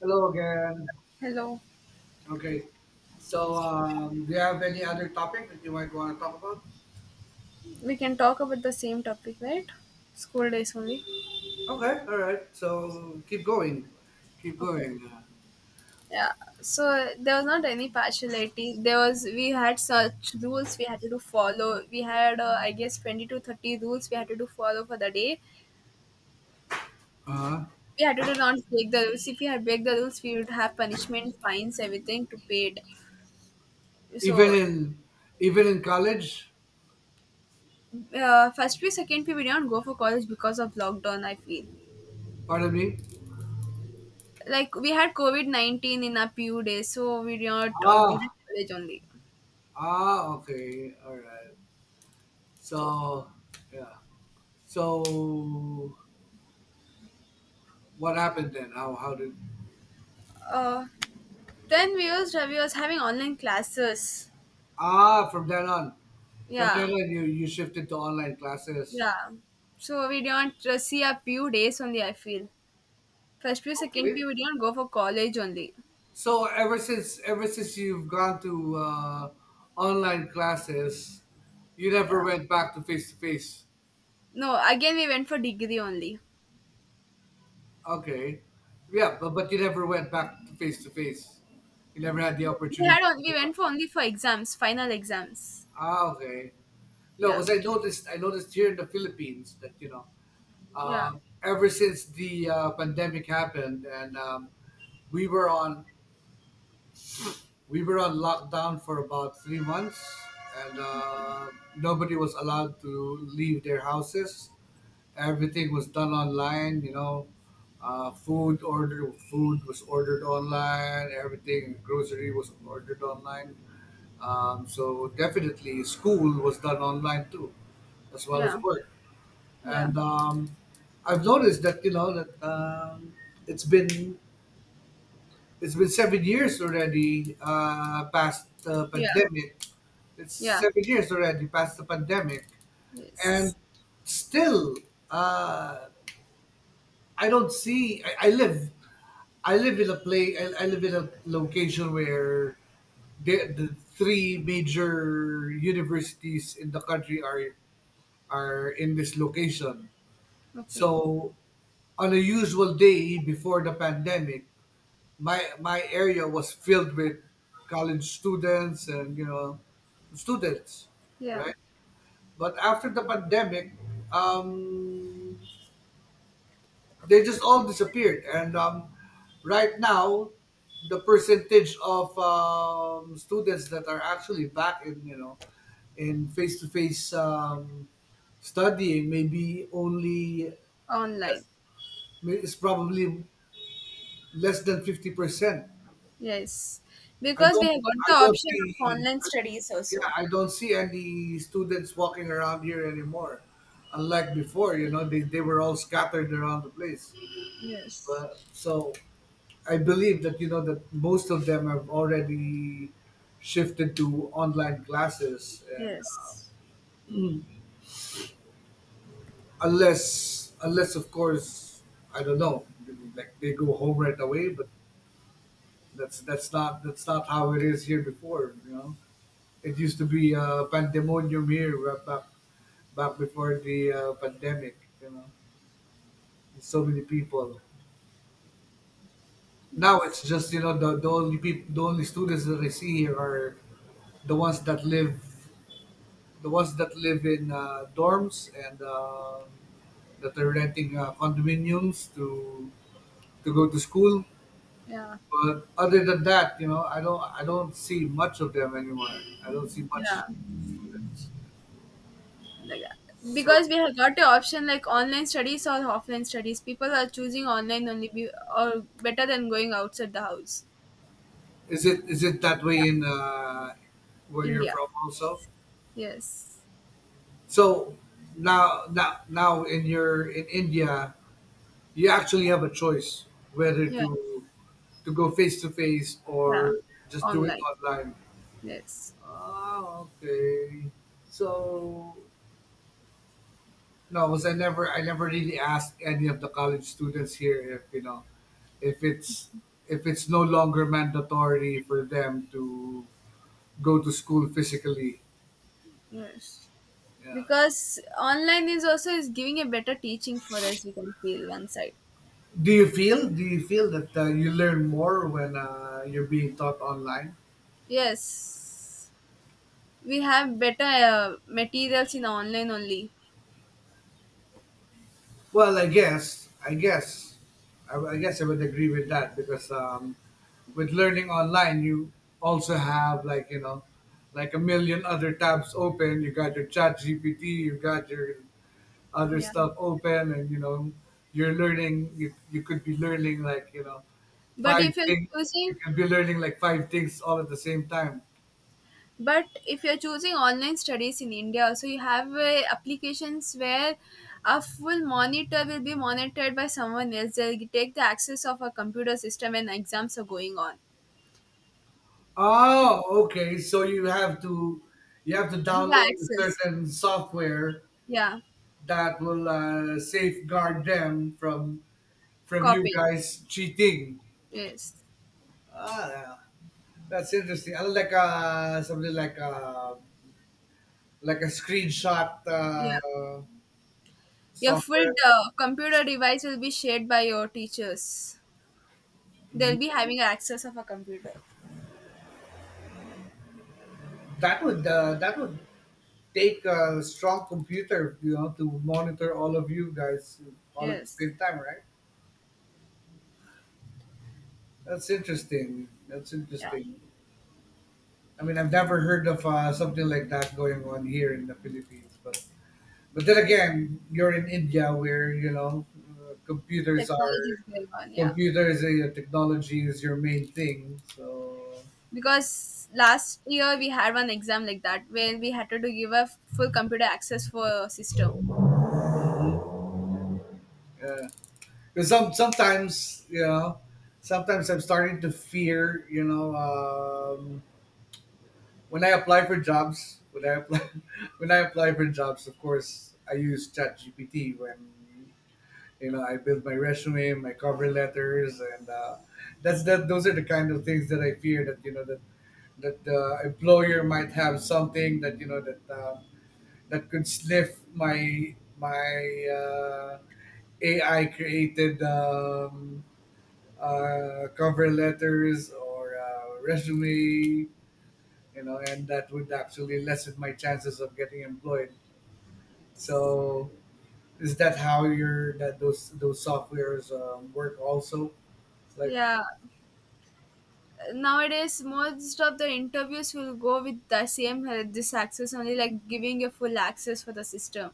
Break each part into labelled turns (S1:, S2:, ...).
S1: Hello again.
S2: Hello.
S1: Okay. So, do you have any other topic that you might want to talk about?
S2: We can talk about the same topic, right? School days only.
S1: Okay. All right. So keep going. Keep
S2: Okay.
S1: going.
S2: Yeah. So there was not any partiality. There was We had such rules we had to do follow. We had I guess 20 to 30 rules we had to do follow for the day.
S1: Uh,
S2: We had to do not break the rules. If we had break the rules, we would have punishment, fines, everything to pay it.
S1: even
S2: So
S1: in even in college.
S2: First P, second P, we did not go for college because of lockdown. I feel
S1: Pardon me.
S2: like we had COVID 19 in our PU days, so we did not go to
S1: Ah.
S2: college only.
S1: Ah. Okay. All right.
S2: So,
S1: So yeah. So what happened then? How did?
S2: uh, then we was having online classes.
S1: Ah. From then on. From then
S2: Yeah,
S1: on, you shifted to online classes.
S2: yeah. So we don't see a few days only. I feel first few, second
S1: Okay.
S2: few, we don't go for college only.
S1: So ever since you've gone to online classes, you
S2: Yeah.
S1: never went back to face to face.
S2: No, again we went for degree only.
S1: Okay, yeah, but you never went back to face to face. You never had the
S2: No, we had
S1: opportunity to
S2: only we
S1: go back.
S2: went for only for exams, final exams.
S1: Ah, okay. No,
S2: Yeah,
S1: because I noticed here in the Philippines that, you know,
S2: yeah,
S1: ever since the pandemic happened, and um, we were on we were on lockdown for about 3 months, and nobody was allowed to leave their houses. Everything was done online, you know. Food was ordered online, everything, grocery was ordered online. So definitely school was done online too, as well as
S2: yeah,
S1: work.
S2: yeah,
S1: And I've noticed that, you know, that it's been it's been 7 years already, past the
S2: yeah,
S1: pandemic. It's
S2: yeah.
S1: 7 years already past the pandemic, and
S2: Yes.
S1: still, uh, I don't see. I, I live in a I live in a location where the three major universities in the country are in this location.
S2: Okay.
S1: So on a usual day before the pandemic, my area was filled with college students, and, you know, students,
S2: Yeah.
S1: right? But after the pandemic, um, they just all disappeared. And right now the percentage of students that are actually back in, you know, in face-to-face studying, maybe only less,
S2: Online.
S1: it's probably less than 50%.
S2: Yes.
S1: i
S2: Because we
S1: don't
S2: have got the
S1: I don't
S2: option of
S1: see
S2: online studies
S1: Yeah,
S2: also.
S1: I don't see any students walking around here anymore. Unlike before, you know, they were all scattered around the place.
S2: Yes.
S1: But so I believe that, you know, that most of them have already shifted to online classes, and uh,
S2: Yes.
S1: unless unless of course, I don't know, like they go home right away, but that's not how it is here before. You know, it used to be pandemonium here, back before the pandemic. You know, so many people. Now
S2: Yes.
S1: it's just, you know, the only students that I see here are the ones that live the ones that live in dorms, and that are renting condominiums to go to school.
S2: Yeah.
S1: But other than that, you know, I don't see much of them anymore. I don't see
S2: Yeah.
S1: much students.
S2: Like,
S1: So
S2: because we have got the option like online studies or offline studies. People are choosing online only be, or better than going outside the house.
S1: is it that way
S2: Yeah.
S1: in where you're
S2: India.
S1: from also?
S2: Yes.
S1: So now in India, you actually have a choice whether
S2: Yeah.
S1: to go face to face
S2: Yeah.
S1: or just do it
S2: Online.
S1: online.
S2: Yes.
S1: Oh, okay. So no, because I never really asked any of the college students here if, you know, if it's if it's no longer mandatory for them to go to school physically.
S2: Yes.
S1: Yeah.
S2: Because online is also is giving a better teaching for us. We can feel one side.
S1: Do you feel that, you learn more when, you're being taught online?
S2: Yes. We have better materials in online only.
S1: Well, I guess I would agree with that because, with learning online, you also have, like, you know, like a million other tabs open. You got your chat gpt, you got your other
S2: Yeah.
S1: stuff open, and, you know, you're learning you, you could be learning like you know
S2: But
S1: five
S2: if you're
S1: things
S2: choosing,
S1: you could be learning like five things all at the same time.
S2: but if you're choosing online studies in India, so you have applications where a full monitor will be monitored by someone else. They'll take the access of a computer system and exams are going on.
S1: Oh, okay, so you have to
S2: Give her
S1: download a
S2: access.
S1: certain software
S2: Yeah.
S1: that will, safeguard them from you
S2: Copy.
S1: guys cheating.
S2: Yes.
S1: Ah, that's interesting. I like, something like a screenshot,
S2: Yeah. Your full
S1: software.
S2: computer device will be shared by your teachers.
S1: Mm-hmm.
S2: They'll be having access of a computer.
S1: That would take a strong computer, you know, to monitor all of you guys all at the
S2: Yes.
S1: same time, right? That's interesting, that's
S2: Yeah.
S1: interesting. I mean, I've never heard of, something like that going on here in the Philippines, but then
S2: Okay.
S1: again, you're in India, where, you know, uh, computers
S2: Technology is
S1: are
S2: going on. Yeah.
S1: computers and technology is your main thing. So
S2: Because last year we had one exam like that where we had to do give a full computer access for system.
S1: yeah. 'Cause sometimes, you know, sometimes I'm starting to fear, you know, when I apply for jobs, when I apply when I apply for jobs, of course I use ChatGPT when, you know, I build my resume, my cover letters, and, that's that. Those are the kind of things that I fear, that, you know, that that the employer might have something, that, you know, that, that could sniff my AI created cover letters or, resume, you know, and that would actually lessen my chances of getting employed. So is that how your, that those softwares, work also? Like,
S2: Yeah, nowadays most of the interviews will go with the same this access only, like giving a full access for the system.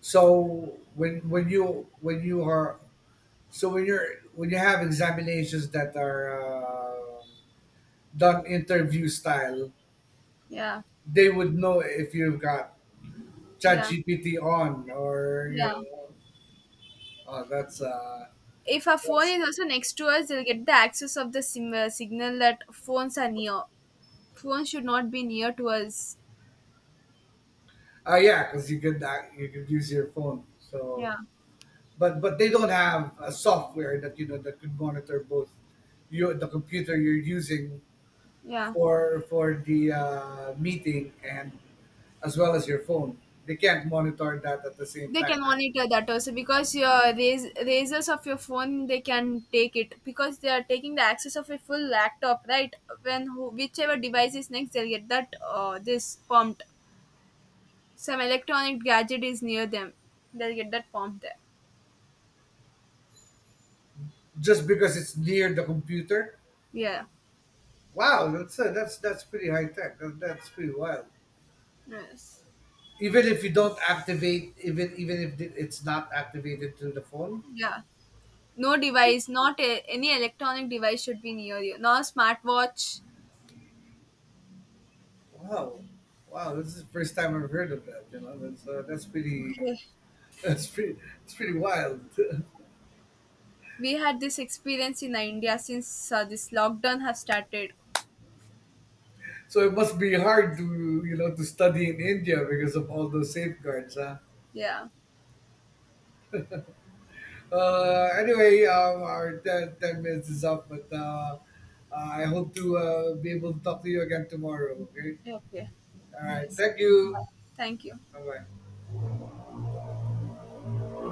S1: so when you are so when you're when you have examinations that are, done interview style,
S2: Yeah,
S1: they would know if you've got
S2: yeah,
S1: ChatGPT on, or, you
S2: yeah.
S1: know. Oh, that's
S2: If a phone
S1: that's
S2: is also next to us, they'll get the access of the signal that phones are near. Phones should not be near to us.
S1: oh yeah, because you could you could use your phone. So
S2: Yeah,
S1: but they don't have a software that, you know, that could monitor both your, the computer you're using
S2: yeah,
S1: for the, meeting, and as well as your phone. They can't monitor that at the same
S2: they can
S1: time, right?
S2: monitor that also because your razors of your phone they can take it, because they are taking the access of a full laptop, right? When whichever device is next, they'll get that this pumped. Some electronic gadget is near them, they'll get that pumped there.
S1: Just because it's near the computer.
S2: Yeah.
S1: Wow, that's, that's pretty high tech. That, that's pretty wild.
S2: Yes.
S1: Even if you don't activate, even if it's not activated through the phone.
S2: Yeah. No device, not a, any electronic device should be near you, no smartwatch.
S1: Wow, wow, this is the first time I've heard of that. You know, that's, that's pretty.
S2: Okay,
S1: That's pretty. It's pretty wild.
S2: we had this experience in India since this lockdown has started.
S1: So it must be hard to, you know, to study in India because of all those safeguards, huh?
S2: Yeah.
S1: Anyway, our ten minutes is up, but, I hope to, be able to talk to you again tomorrow. Okay.
S2: Okay.
S1: All right.
S2: Yes.
S1: Thank
S2: Bye.
S1: you.
S2: Thank you.
S1: Bye bye.